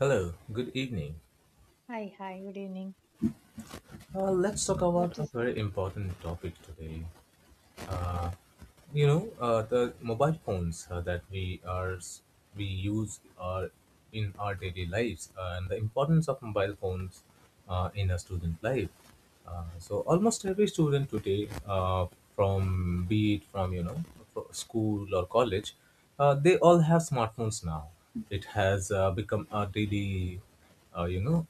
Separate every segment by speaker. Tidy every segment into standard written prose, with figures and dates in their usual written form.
Speaker 1: Hello, good evening.
Speaker 2: Hi, good evening.
Speaker 1: Let's talk about
Speaker 2: What
Speaker 1: a
Speaker 2: is,
Speaker 1: very important topic today. Uh, the mobile phones that we are we use are in our daily lives, and the importance of mobile phones in a student life. So almost every student today, from be it from you know fro- school or college, they all have smartphones now. It has become a daily, uh, you know.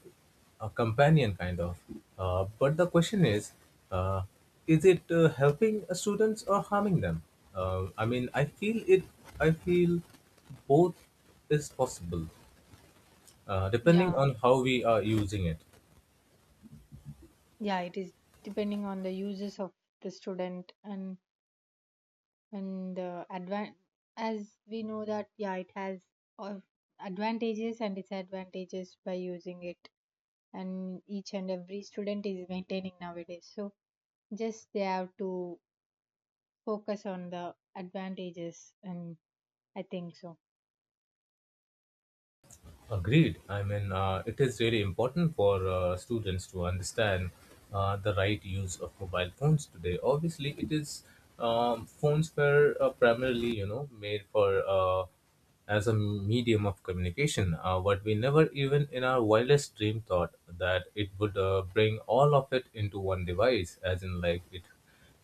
Speaker 1: a companion kind of. But the question uh, is it helping students or harming them? I feel I feel both is possible, depending
Speaker 2: yeah,
Speaker 1: on how we are using it.
Speaker 2: yeah, it is depending on the uses of the student and the advan, as we know that, yeah, it has of advantages and disadvantages by using it, and each and every student is maintaining nowadays. So just they have to focus on the advantages, and I think so.
Speaker 1: Agreed. It is really important for students to understand the right use of mobile phones today. Obviously, it is phones were primarily, made for as a medium of communication. What we never even in our wildest dream thought that it would bring all of it into one device, as in like it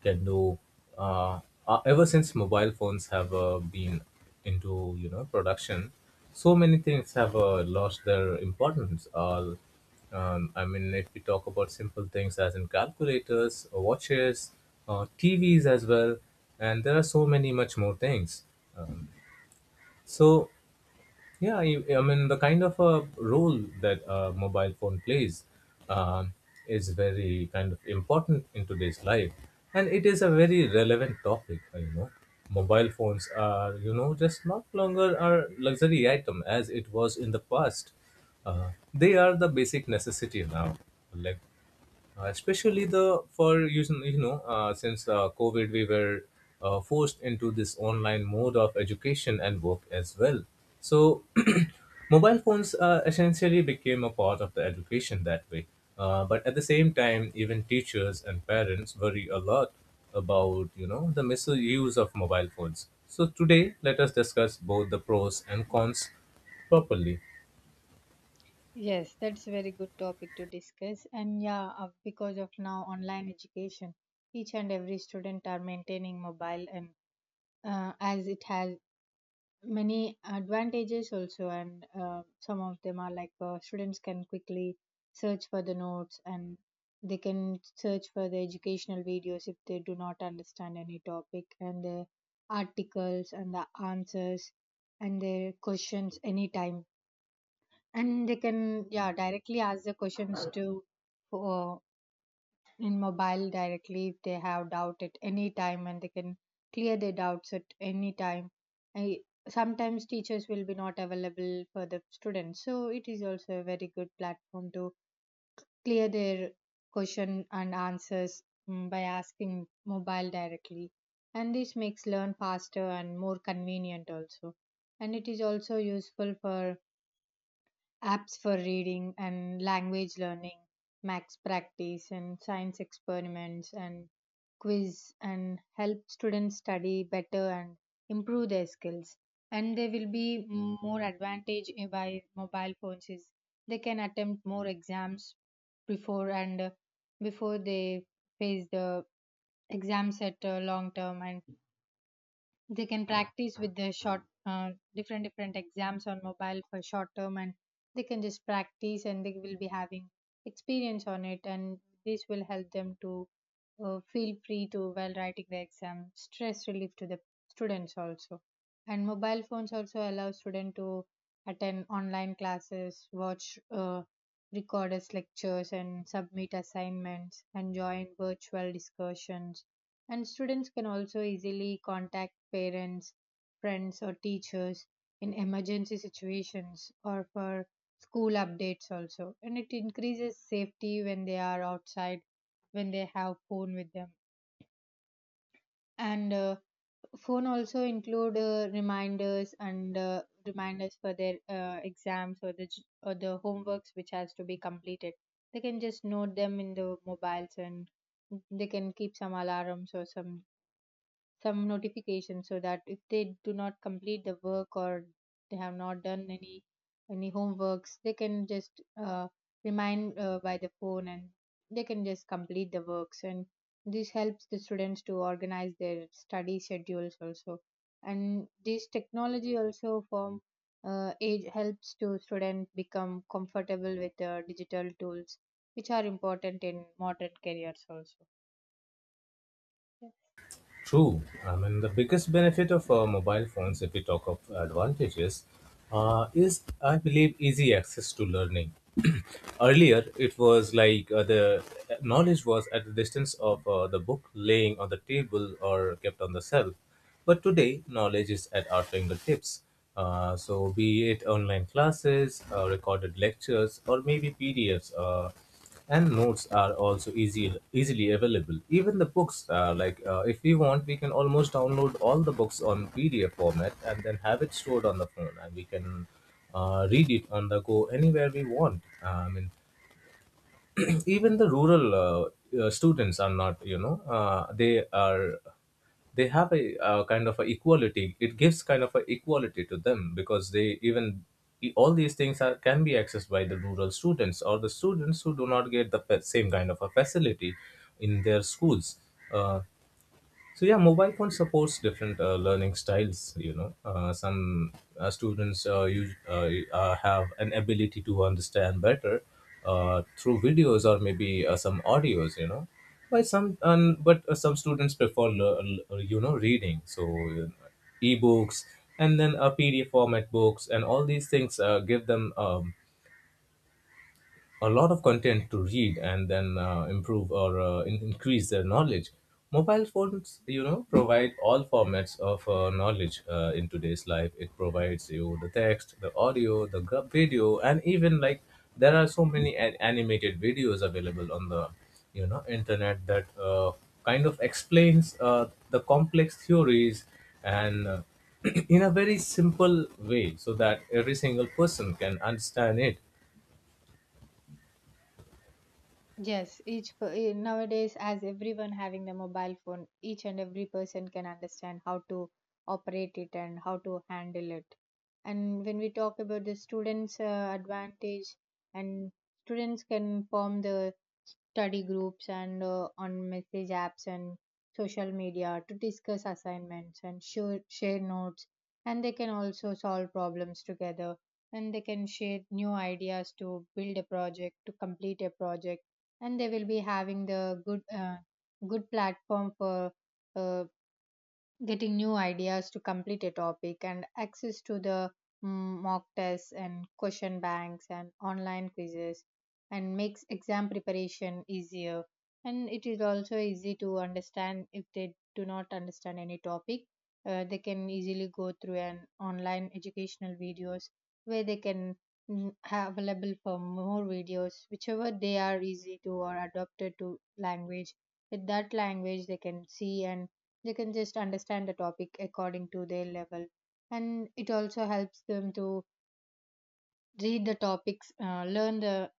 Speaker 1: there are no uh, ever since mobile phones have been into production, so many things have lost their importance. If we talk about simple things as in calculators, watches, TVs as well, and there are so many much more things. So yeah, the kind of a role that a mobile phone plays um, is very kind of important in today's life. And it is a very relevant topic, Mobile phones are, you know, just not longer a luxury item as it was in the past. They are the basic necessity now. Like especially the for using since covid we were forced into this online mode of education and work as well, so mobile phones essentially became a part of the education that way, but at the same time even teachers and parents worry a lot about the misuse of mobile phones. So today let us discuss both the pros and cons properly.
Speaker 2: Yes, that's a very good topic to discuss. And yeah, because of now online education, each and every student are maintaining mobile, and as it has many advantages also, and some of them are like students can quickly search for the notes, and they can search for the educational videos if they do not understand any topic and the articles and the answers and their questions anytime, and they can, yeah, directly ask the questions to, uh, in mobile directly if they have doubt at any time, and they can clear their doubts at any time. I, Sometimes teachers will be not available for the students, so it is also a very good platform to clear their question and answers, by asking mobile directly, and this makes learn faster and more convenient also. And it is also useful for apps for reading and language learning, max practice and science experiments and quiz, and help students study better and improve their skills. And there will be more advantage by mobile phones is they can attempt more exams before and, before they face the exams at long term, and they can practice with the short, different exams on mobile for short term, and they can just practice, and they will be having experience on it, and this will help them to, feel free to while writing the exam. Stress relief to the students also, and mobile phones also allow students to attend online classes, watch recorded lectures and submit assignments and join virtual discussions, and students can also easily contact parents, friends, or teachers in emergency situations or for school updates also. And it increases safety when they are outside, when they have phone with them. And phone also include reminders, and reminders for their exams or the j- or the homeworks which has to be completed. They can just note them in the mobiles, and they can keep some alarms or some notification, so that if they do not complete the work, or they have not done any homeworks, they can just, uh, remind by the phone, and they can just complete the works, and this helps the students to organize their study schedules also. And this technology also form, it helps to students become comfortable with digital tools which are important in modern careers also.
Speaker 1: True. The biggest benefit of mobile phones, if we talk of advantages, is I believe easy access to learning. Earlier, it was like the knowledge was at the distance of the book laying on the table or kept on the shelf. But today, knowledge is at our fingertips. So, be it online classes, recorded lectures, or maybe PDFs. And notes are also easy easily available. Even the books are like, if we want we can almost download all the books on pdf format and then have it stored on the phone, and we can read it on the go anywhere we want. Uh, i mean even the rural students are not they are they have a kind of a equality. It gives kind of a equality to them because they even all these things are can be accessed by the rural students or the students who do not get the same kind of a facility in their schools. Uh, so yeah, mobile phone supports different learning styles, some students have an ability to understand better through videos or maybe some audios, but some students prefer reading. So you know, ebooks and then a pdf format books and all these things give them a lot of content to read and then increase their knowledge. Mobile phones, you know, provide all formats of knowledge in today's life. It provides you the text, the audio, the video, and even like there are so many animated videos available on the internet that kind of explains the complex theories, and in a very simple way so that every single person can understand it.
Speaker 2: Yes, each per- eh, nowadays, as everyone having the mobile phone, each and every person can understand how to operate it and how to handle it. And when we talk about the students' advantage, and students can form the study groups and on message apps and social media to discuss assignments and share notes, and they can also solve problems together, and they can share new ideas to build a project, to complete a project, and they will be having the good good platform for uh, getting new ideas to complete a topic, and access to the mock tests and question banks and online quizzes, and makes exam preparation easier. And it is also easy to understand if they do not understand any topic, they can easily go through an online educational videos where they can have available for more videos whichever they are easy to or adapted to language. With that language, they can see, and they can just understand the topic according to their level. And it also helps them to read the topics, learn the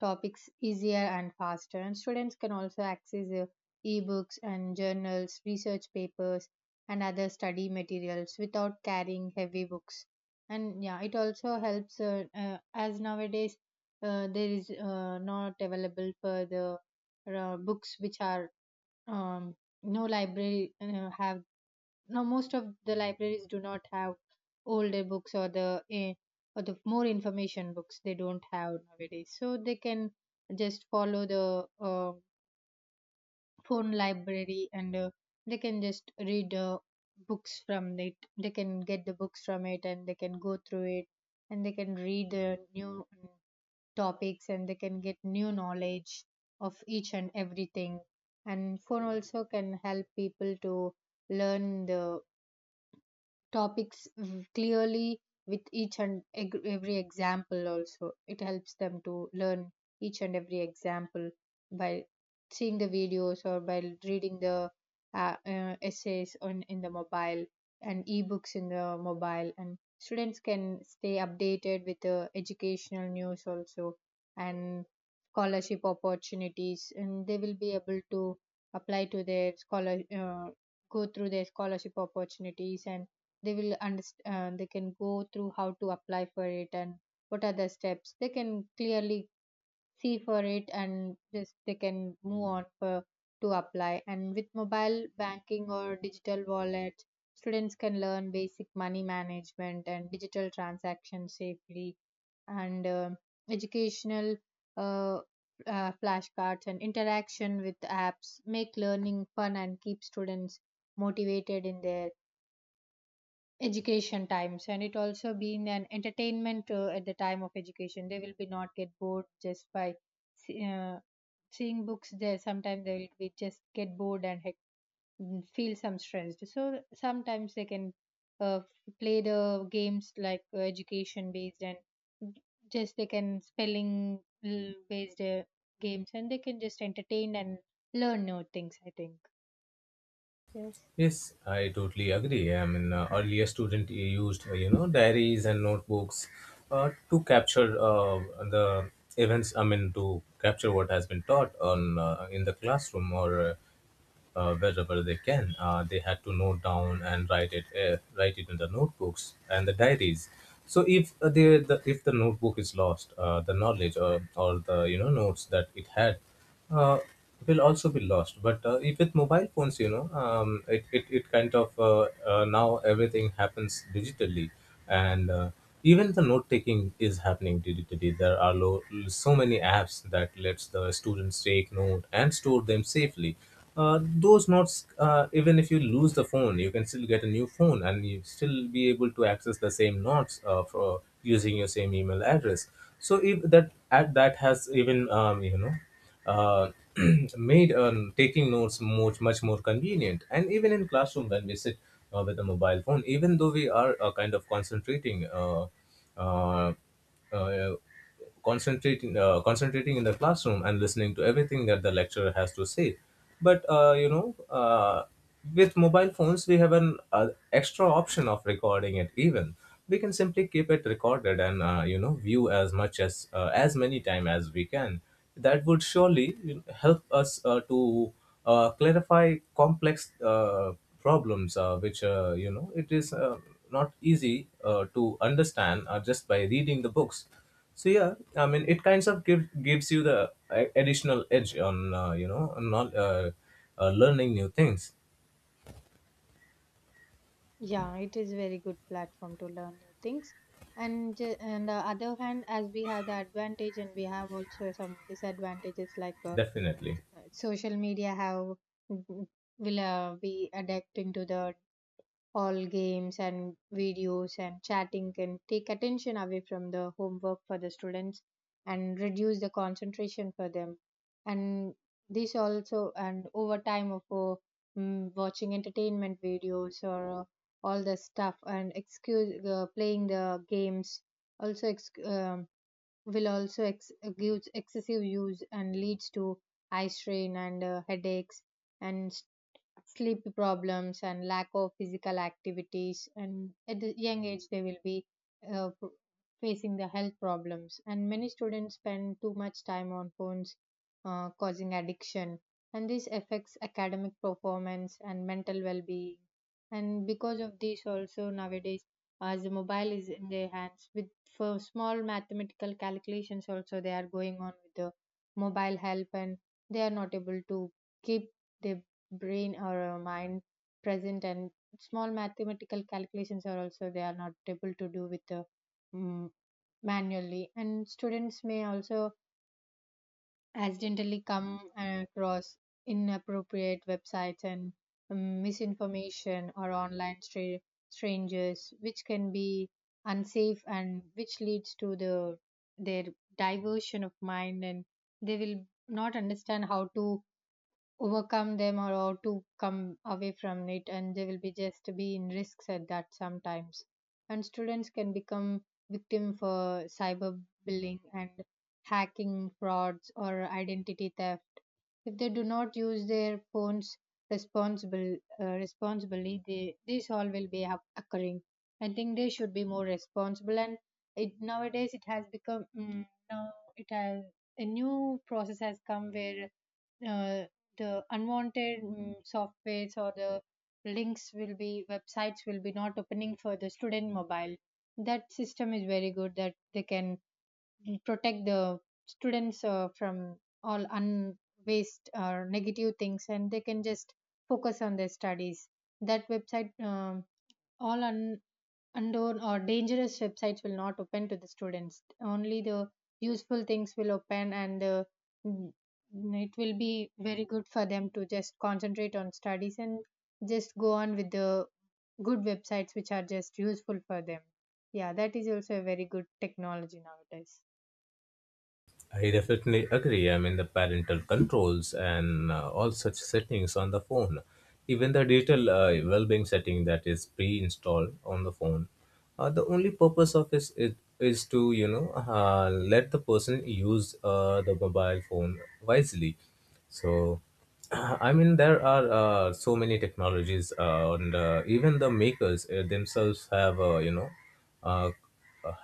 Speaker 2: topics easier and faster, and students can also access the ebooks and journals, research papers, and other study materials without carrying heavy books. And yeah, it also helps as nowadays there is not available for the books which are, um, no library have, now most of the libraries do not have older books, or the eh, or the more information books, they don't have nowadays. So they can just follow the phone library, and they can just read books from it. They can get the books from it, and they can go through it, and they can read the new topics, and they can get new knowledge of each and everything. And phone also can help people to learn the topics v- clearly, with each and eg- every example. Also it helps them to learn each and every example by seeing the videos, or by reading the essays on in the mobile, and ebooks in the mobile. And students can stay updated with the educational news also, and scholarship opportunities, and they will be able to apply to their scholar, go through their scholarship opportunities, and they will understand, they can go through how to apply for it, and what are the steps they can clearly see for it, and just they can move on for to apply. And with mobile banking or digital wallet, students can learn basic money management and digital transactions safely. And educational uh, flashcards and interaction with apps make learning fun and keep students motivated in their education times. And it also being an entertainment at the time of education, they will be not get bored just by see- seeing books there. Sometimes they will be just get bored and hec-, feel some stressed, so sometimes they can uh, play the games like education based, and just they can spelling l- based games, and they can just entertain and learn new things, I think. Yes.
Speaker 1: Yes, I totally agree. Earlier student used diaries and notebooks to capture the events. I mean, to capture what has been taught on in the classroom or wherever they can. They had to note down and write it in the notebooks and the diaries. So if the if the notebook is lost, the knowledge or the notes that it had uh, will also be lost. But if with mobile phones, it kind of now everything happens digitally, and even the note taking is happening digitally. There are so many apps that lets the students take note and store them safely. Those notes, even if you lose the phone, you can still get a new phone and you still be able to access the same notes for using your same email address. So if that has even uh, made taking notes much much more convenient. And even in classroom when we sit with a mobile phone, even though we are kind of uh, uh, concentrating in the classroom and listening to everything that the lecturer has to say, but with mobile phones we have an extra option of recording it. Even we can simply keep it recorded, and view as much as many time as we can. That would surely, you know, help us to clarify complex problems which, it is not easy to understand just by reading the books. So yeah, I mean, it kinds of gives you the additional edge on, on not learning new things.
Speaker 2: Yeah, it is very good platform to learn new things. And ju- on the other hand, as we have the advantage, and we have also some disadvantages like
Speaker 1: Definitely,
Speaker 2: social media have mm, will be addicting to the, all games and videos and chatting can take attention away from the homework for the students, and reduce the concentration for them. And this also, and over time of watching entertainment videos or all the stuff and excuse playing the games also ex- will also ex- gives excessive use and leads to eye strain and headaches and sleep problems and lack of physical activities. And at a young age they will be p- facing the health problems, and many students spend too much time on phones, causing addiction, and this affects academic performance and mental well-being. And because of this also nowadays, as the mobile is in their hands, with for small mathematical calculations also they are going on with the mobile help, and they are not able to keep their brain or our mind present, and small mathematical calculations are also they are not able to do with the mm manually. And students may also accidentally come across inappropriate websites and, misinformation or online stra- strangers, which can be unsafe, and which leads to the their diversion of mind, and they will not understand how to overcome them, or to come away from it, and they will be just be in risks at that sometimes. And students can become victim for cyberbullying and hacking frauds or identity theft, if they do not use their phones responsible responsibly, they this all will be hap- occurring. I think they should be more responsible. And it nowadays it has become now it has, a new process has come where uh, the unwanted softwares or the links will be, websites will be not opening for the student mobile. That system is very good, that they can protect the students from all unwaste or negative things, and they can just focus on their studies. That website, all un- unknown or dangerous websites will not open to the students, only the useful things will open, and the, mm, it will be very good for them to just concentrate on studies, and just go on with the good websites which are just useful for them. Yeah, that is also a very good technology nowadays.
Speaker 1: I definitely agree. The parental controls and all such settings on the phone, even the digital well-being setting that is pre-installed on the phone, the only purpose of is it is to, let the person use the mobile phone wisely. So, there are so many technologies, and even the makers themselves have, you know, uh,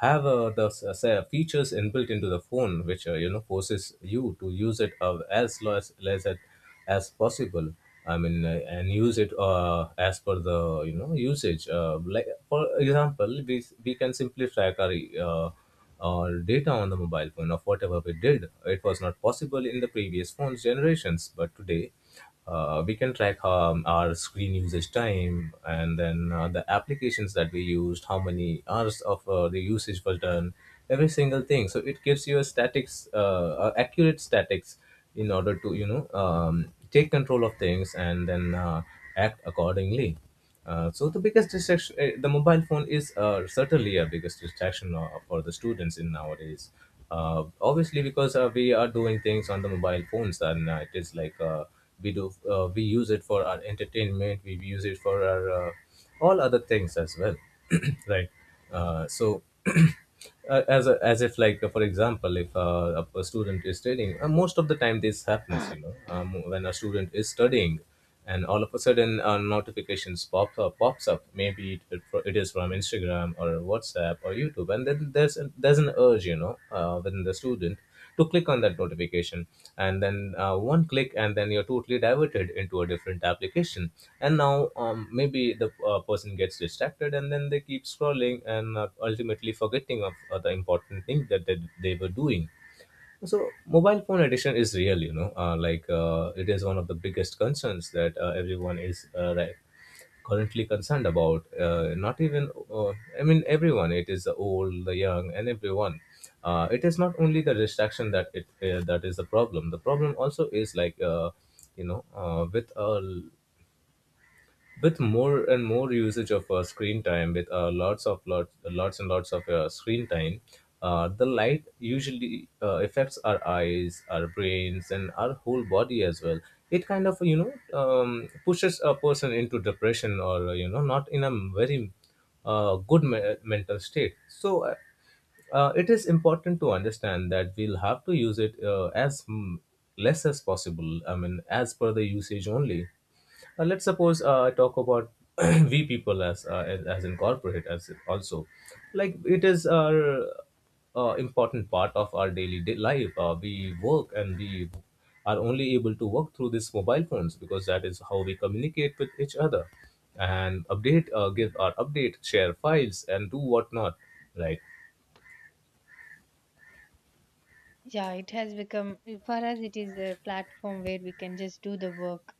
Speaker 1: have the s- say, features inbuilt into the phone, which, forces you to use it as less at as possible. I mean, and use it as per the, usage. Like for example, we can simply track uh, our data on the mobile phone of whatever we did. It was not possible in the previous phones generations, but today we can track our screen usage time and then the applications that we used, how many hours of the usage was done every single thing. So it gives you a statics accurate statics in order to, take control of things and then act accordingly. So the biggest distraction, the mobile phone is certainly a biggest distraction for the students in nowadays. Obviously, because we are doing things on the mobile phones, and it is like we use it for our entertainment, we use it for our all other things as well, right? So. As a, as if like, for example, if a student is studying, most of the time this happens, when a student is studying and all of a sudden notifications pops up, maybe it is from instagram or whatsapp or youtube, and then there's an urge, within the student to click on that notification. And then one click and then you're totally diverted into a different application. And now maybe the person gets distracted and then they keep scrolling and ultimately forgetting of the important thing that they were doing. So mobile phone addiction is real, you know. Like it is one of the biggest concerns that everyone is right, currently concerned about. Not even, I mean, everyone. It is the old, the young, and everyone. It is not only the distraction that it that is the problem. The problem also is like you know, uh, with a with more and more usage of screen time with lots of lots lots and lots of screen time the light usually affects our eyes, our brains, and our whole body as well. It kind of pushes a person into depression, or not in a very mental state. So it is important to understand that we'll have to use it as less as possible. I mean, as per the usage only. Let's suppose talk about we people as as in corporate as also, like it is our important part of our daily day life. We work and we are only able to work through these mobile phones because that is how we communicate with each other and update, give our update, share files, and do whatnot. Right?
Speaker 2: Yeah, it has become, for us it is a platform where we can just do the work.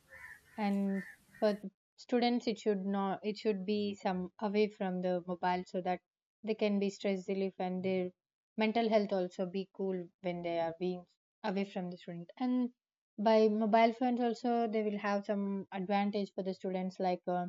Speaker 2: And for the students, it should not, it should be some away from the mobile, so that they can be stress relief, and their mental health also be cool when they are being away from the student. And by mobile phones also they will have some advantage for the students, like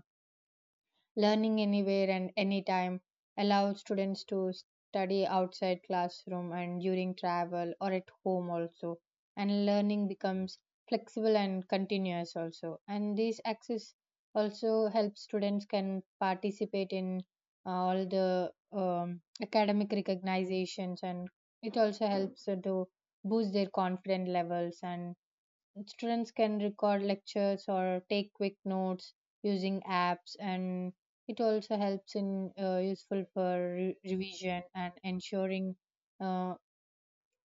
Speaker 2: learning anywhere and anytime allows students to study outside classroom and during travel or at home also. And learning becomes flexible and continuous also. And this access also helps students can participate in all the academic recognitions, and it also helps to boost their confidence levels. And students can record lectures or take quick notes using apps, and it also helps in, useful for revision and uh,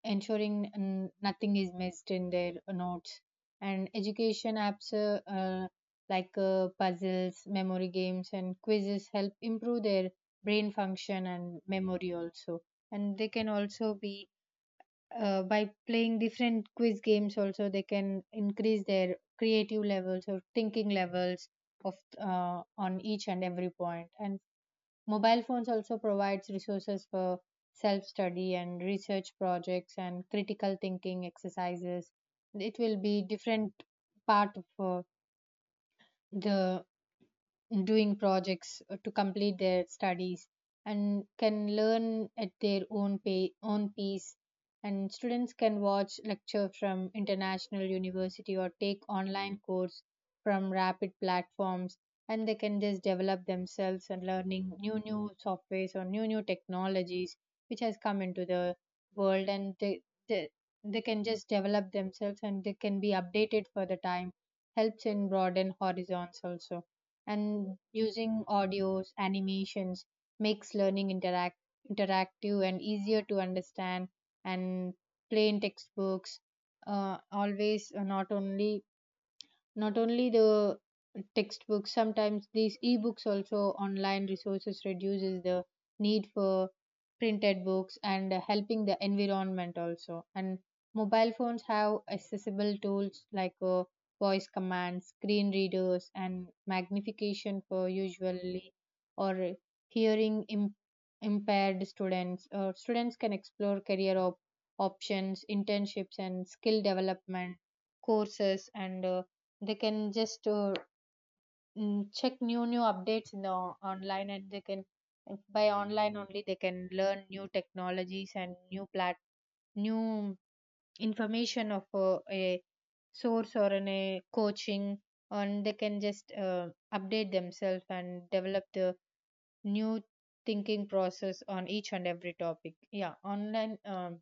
Speaker 2: ensuring nothing is missed in their notes. And education apps, like puzzles, memory games, and quizzes help improve their brain function and memory also. And they can also be, by playing different quiz games, also they can increase their creative levels or thinking levels of, on each and every point. And mobile phones also provides resources for self study and research projects and critical thinking exercises. It will be different part of, the doing projects to complete their studies, and can learn at their own pace. And students can watch lecture from international university or take online course from rapid platforms. And they can just develop themselves and learning new softwares or new technologies which has come into the world, and they, they can just develop themselves, and they can be updated for the time. Helps in broaden horizons also. And using audios, animations makes learning interactive and easier to understand. And plain textbooks, always, not only the textbooks, sometimes these ebooks also. Online resources reduces the need for printed books and helping the environment also. And mobile phones have accessible tools like voice commands, screen readers, and magnification for usually, or hearing impaired students. Or students can explore career options, internships, and skill development courses. And they can just check new updates in the online, and they can, by online only they can learn new technologies and new information of, a source or in a coaching. And they can just update themselves and develop the new thinking process on each and every topic. Yeah, online.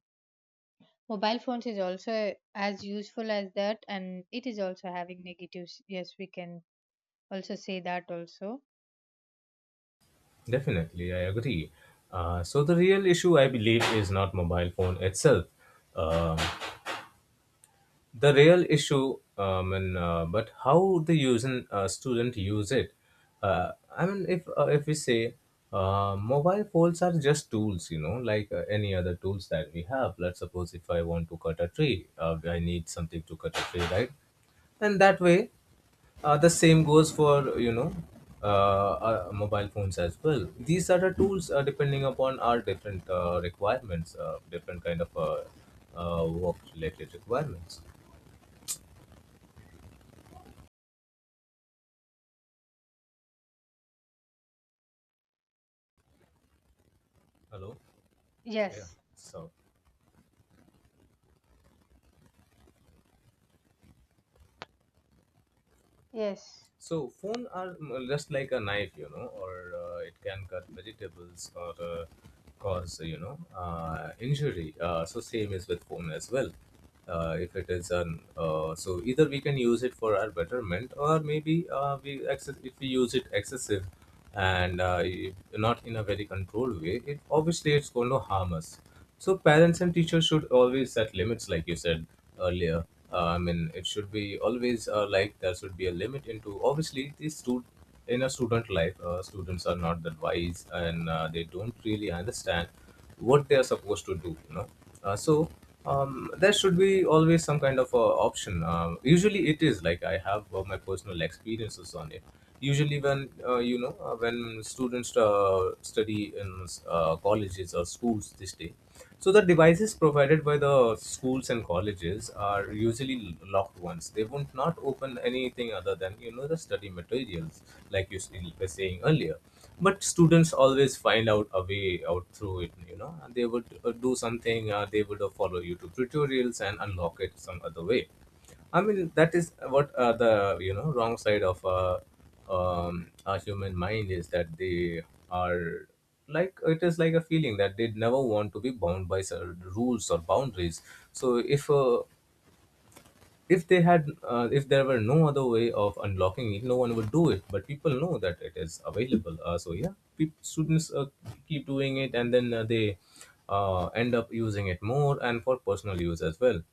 Speaker 2: Mobile phones is also as useful as that, and it is also having negatives. Yes, we can also say that also.
Speaker 1: Definitely, I agree. So the real issue, I believe, is not mobile phone itself. Um, the real issue, I mean, but how the using student use it. I mean, if we say, mobile phones are just tools, you know, like any other tools that we have. Let's suppose if I want to cut a tree, I need something to cut a tree, right? And that way, the same goes for, you know, mobile phones as well. These are the tools, depending upon our different requirements, different kind of work related requirements. Hello. Yeah.
Speaker 2: Yes,
Speaker 1: So,
Speaker 2: yes,
Speaker 1: so phone are just like a knife, you know, or it can cut vegetables or cause, you know, injury. So same is with phone as well. If it is an so either we can use it for our betterment, or maybe we excess if we use it excessive and if not in a very controlled way, it obviously it's going to harm us. So parents and teachers should always set limits, like you said earlier. I mean, it should be always like there should be a limit into obviously these student, in a student life. Uh, students are not that wise, and they don't really understand what they are supposed to do, you know. uh, so there should be always some kind of option. Usually it is like, I have my personal experiences on it. Usually when when students study in colleges or schools this day, so the devices provided by the schools and colleges are usually locked ones. They would not open anything other than, you know, the study materials, like you were saying earlier. But students always find out a way out through it, you know, and they would do something. They would follow YouTube tutorials and unlock it some other way. I mean, that is what the, you know, wrong side of our human mind is, that they are, like it is like a feeling that they never want to be bound by certain rules or boundaries. So if they had, if there were no other way of unlocking it, no one would do it. But people know that it is available. So yeah, peop students keep doing it, and then they end up using it more and for personal use as well.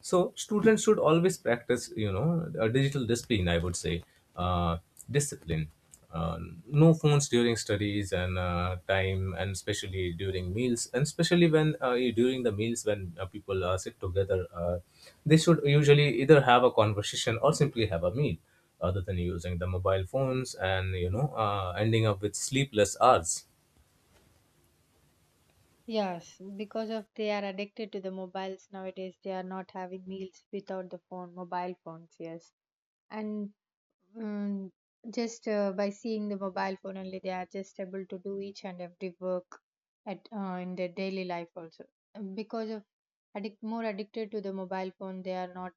Speaker 1: So students should always practice, you know, a digital discipline. I would say uh, discipline. Uh, no phones during studies and time, and especially during meals, and especially when during the meals when people sit together, they should usually either have a conversation or simply have a meal, other than using the mobile phones and, you know, ending up with sleepless hours.
Speaker 2: yes, because of they are addicted to the mobiles nowadays, they are not having meals without the phone mobile phones. Yes. And Mm, just by seeing the mobile phone only, they are just able to do each and every work at, in their daily life also. And because of addicted to the mobile phone, they are not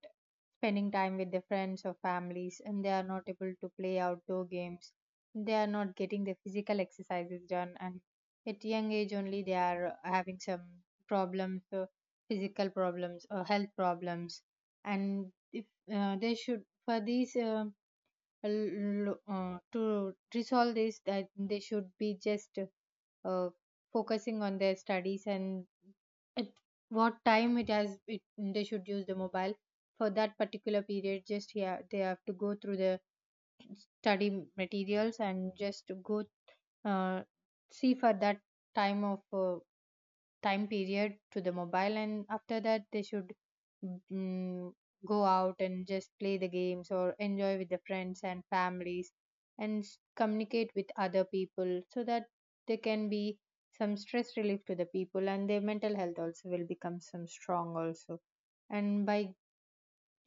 Speaker 2: spending time with their friends or families, and they are not able to play outdoor games. They are not getting their physical exercises done, and at young age only they are having some problems, physical problems or health problems, and if they should for these. To resolve this, that they should be just uh, focusing on their studies, and at what time it has it, they should use the mobile for that particular period. Just, yeah, they have to go through the study materials and just go, uh, see for that time of, time period to the mobile. And after that they should, mm, go out and just play the games or enjoy with the friends and families, and communicate with other people, so that they can be some stress relief to the people, and their mental health also will become some strong also. And by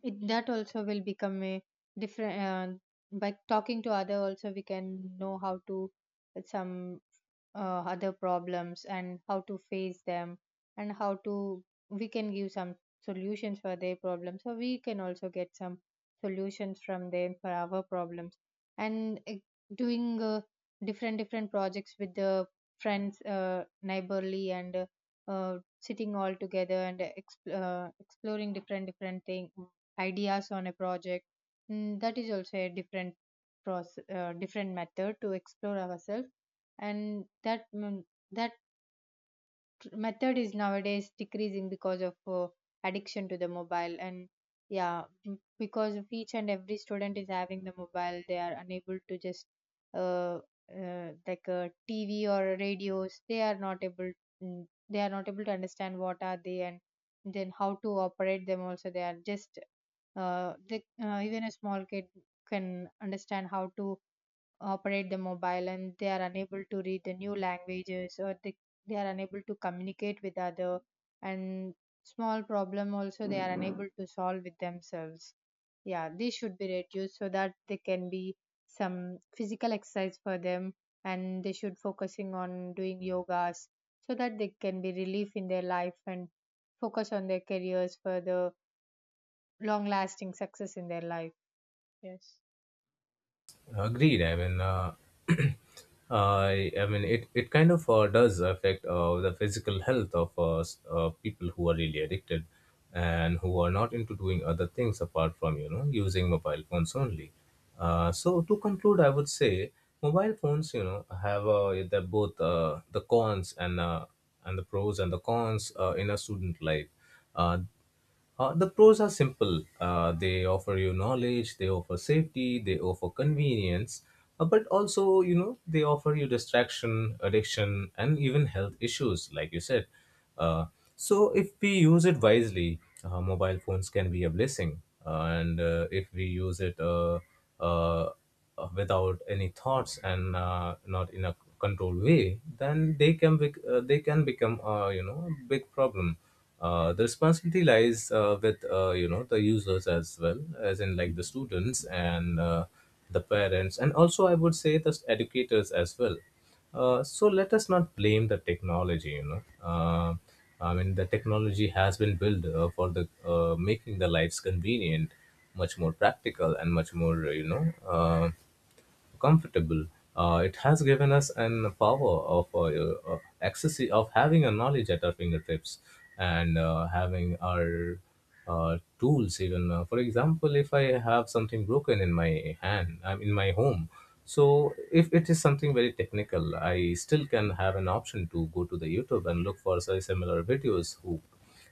Speaker 2: it, that also will become a different, by talking to other also we can know how to, some other problems, and how to face them, and how to, we can give some solutions for their problems, so we can also get some solutions from them for our problems. And doing different projects with the friends, neighborly, and sitting all together and exploring different thing ideas on a project. That is also a different process, different method to explore ourselves. And that method is nowadays decreasing because of addiction to the mobile. And yeah, because of each and every student is having the mobile, they are unable to just uh, like a TV or radios. They are not able to understand what are they, and then how to operate them also. They are just even a small kid can understand how to operate the mobile. And they are unable to read the new languages, or they are unable to communicate with other, and small problem also they are unable to solve with themselves. Yeah, these should be reduced so that there can be some physical exercise for them, and they should focusing on doing yogas, so that they can be relief in their life, and focus on their careers for the long lasting success in their life. Yes.
Speaker 1: Agreed. I mean, I mean, it kind of does affect the physical health of people who are really addicted and who are not into doing other things apart from, you know, using mobile phones only. So to conclude, I would say mobile phones, you know, have the, both the cons and the pros and the cons in a student life. Uh, the pros are simple. They offer you knowledge, they offer safety, they offer convenience, but also, you know, they offer you distraction, addiction, and even health issues, like you said. Uh, so, if we use it wisely, mobile phones can be a blessing. And if we use it uh, without any thoughts and not in a controlled way, then they can become, you know, a big problem. The responsibility lies with, you know, the users as well as in like the students, and the parents, and also I would say the educators as well. So let us not blame the technology. You know, I mean, the technology has been built for the making the lives convenient, much more practical and much more, you know, comfortable. It has given us an power of access of having a knowledge at our fingertips, and having our tools. Even, for example, if I have something broken in my hand, I'm in my home, so if it is something very technical, I still can have an option to go to the YouTube and look for, say, similar videos who,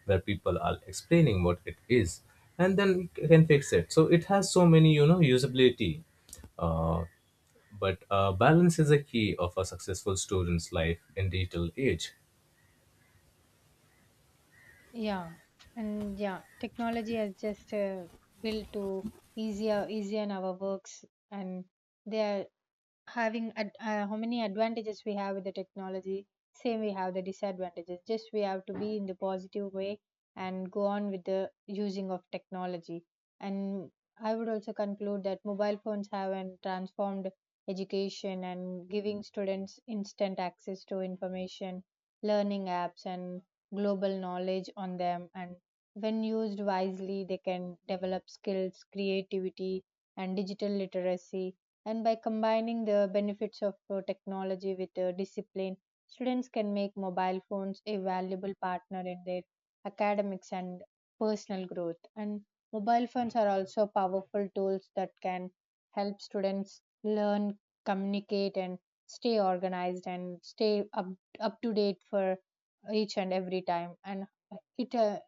Speaker 1: where people are explaining what it is, and then can fix it. So it has so many, you know, usability. uh, but balance is a key of a successful student's life in digital age.
Speaker 2: Yeah, and yeah, technology has just built to easier in our works, and they are having how many advantages we have with the technology, same we have the disadvantages. Just we have to be in the positive way, and go on with the using of technology, and I would also conclude that mobile phones have and transformed education, and giving students instant access to information, learning apps, and global knowledge on them, and when used wisely they can develop skills, creativity, and digital literacy. And by combining the benefits of, technology with, discipline, students can make mobile phones a valuable partner in their academics and personal growth. And mobile phones are also powerful tools that can help students learn, communicate, and stay organized, and stay up to date for each and every time. And it, uh,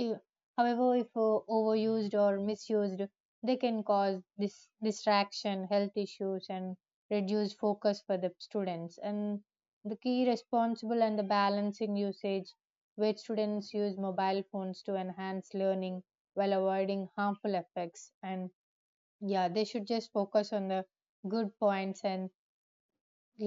Speaker 2: i- however, if overused or misused, they can cause this distraction, health issues, and reduce focus for the students. And the key responsible and the balancing usage, where students use mobile phones to enhance learning while avoiding harmful effects. And yeah, they should just focus on the good points, and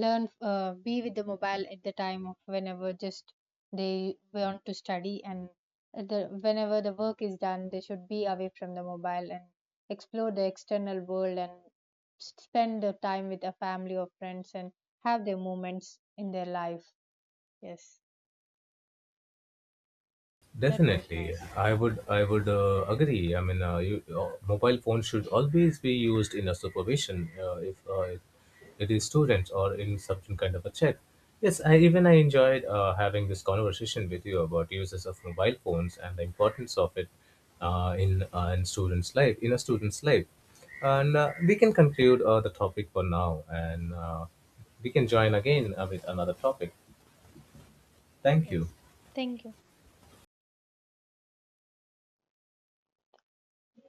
Speaker 2: learn be with the mobile at the time of whenever just they want to study, and at the whenever the work is done they should be away from the mobile, and explore the external world, and spend the time with a family or friends, and have their moments in their life. Yes. That was
Speaker 1: Definitely,
Speaker 2: nice.
Speaker 1: I would agree. I mean, you, mobile phones should always be used in a supervision, if it, it is students or in some kind of a check. Yes, I enjoyed having this conversation with you about uses of mobile phones and the importance of it, in students' life in a student's life, and we can conclude the topic for now, and we can join again with another topic. Thank you.
Speaker 2: Yes, thank you.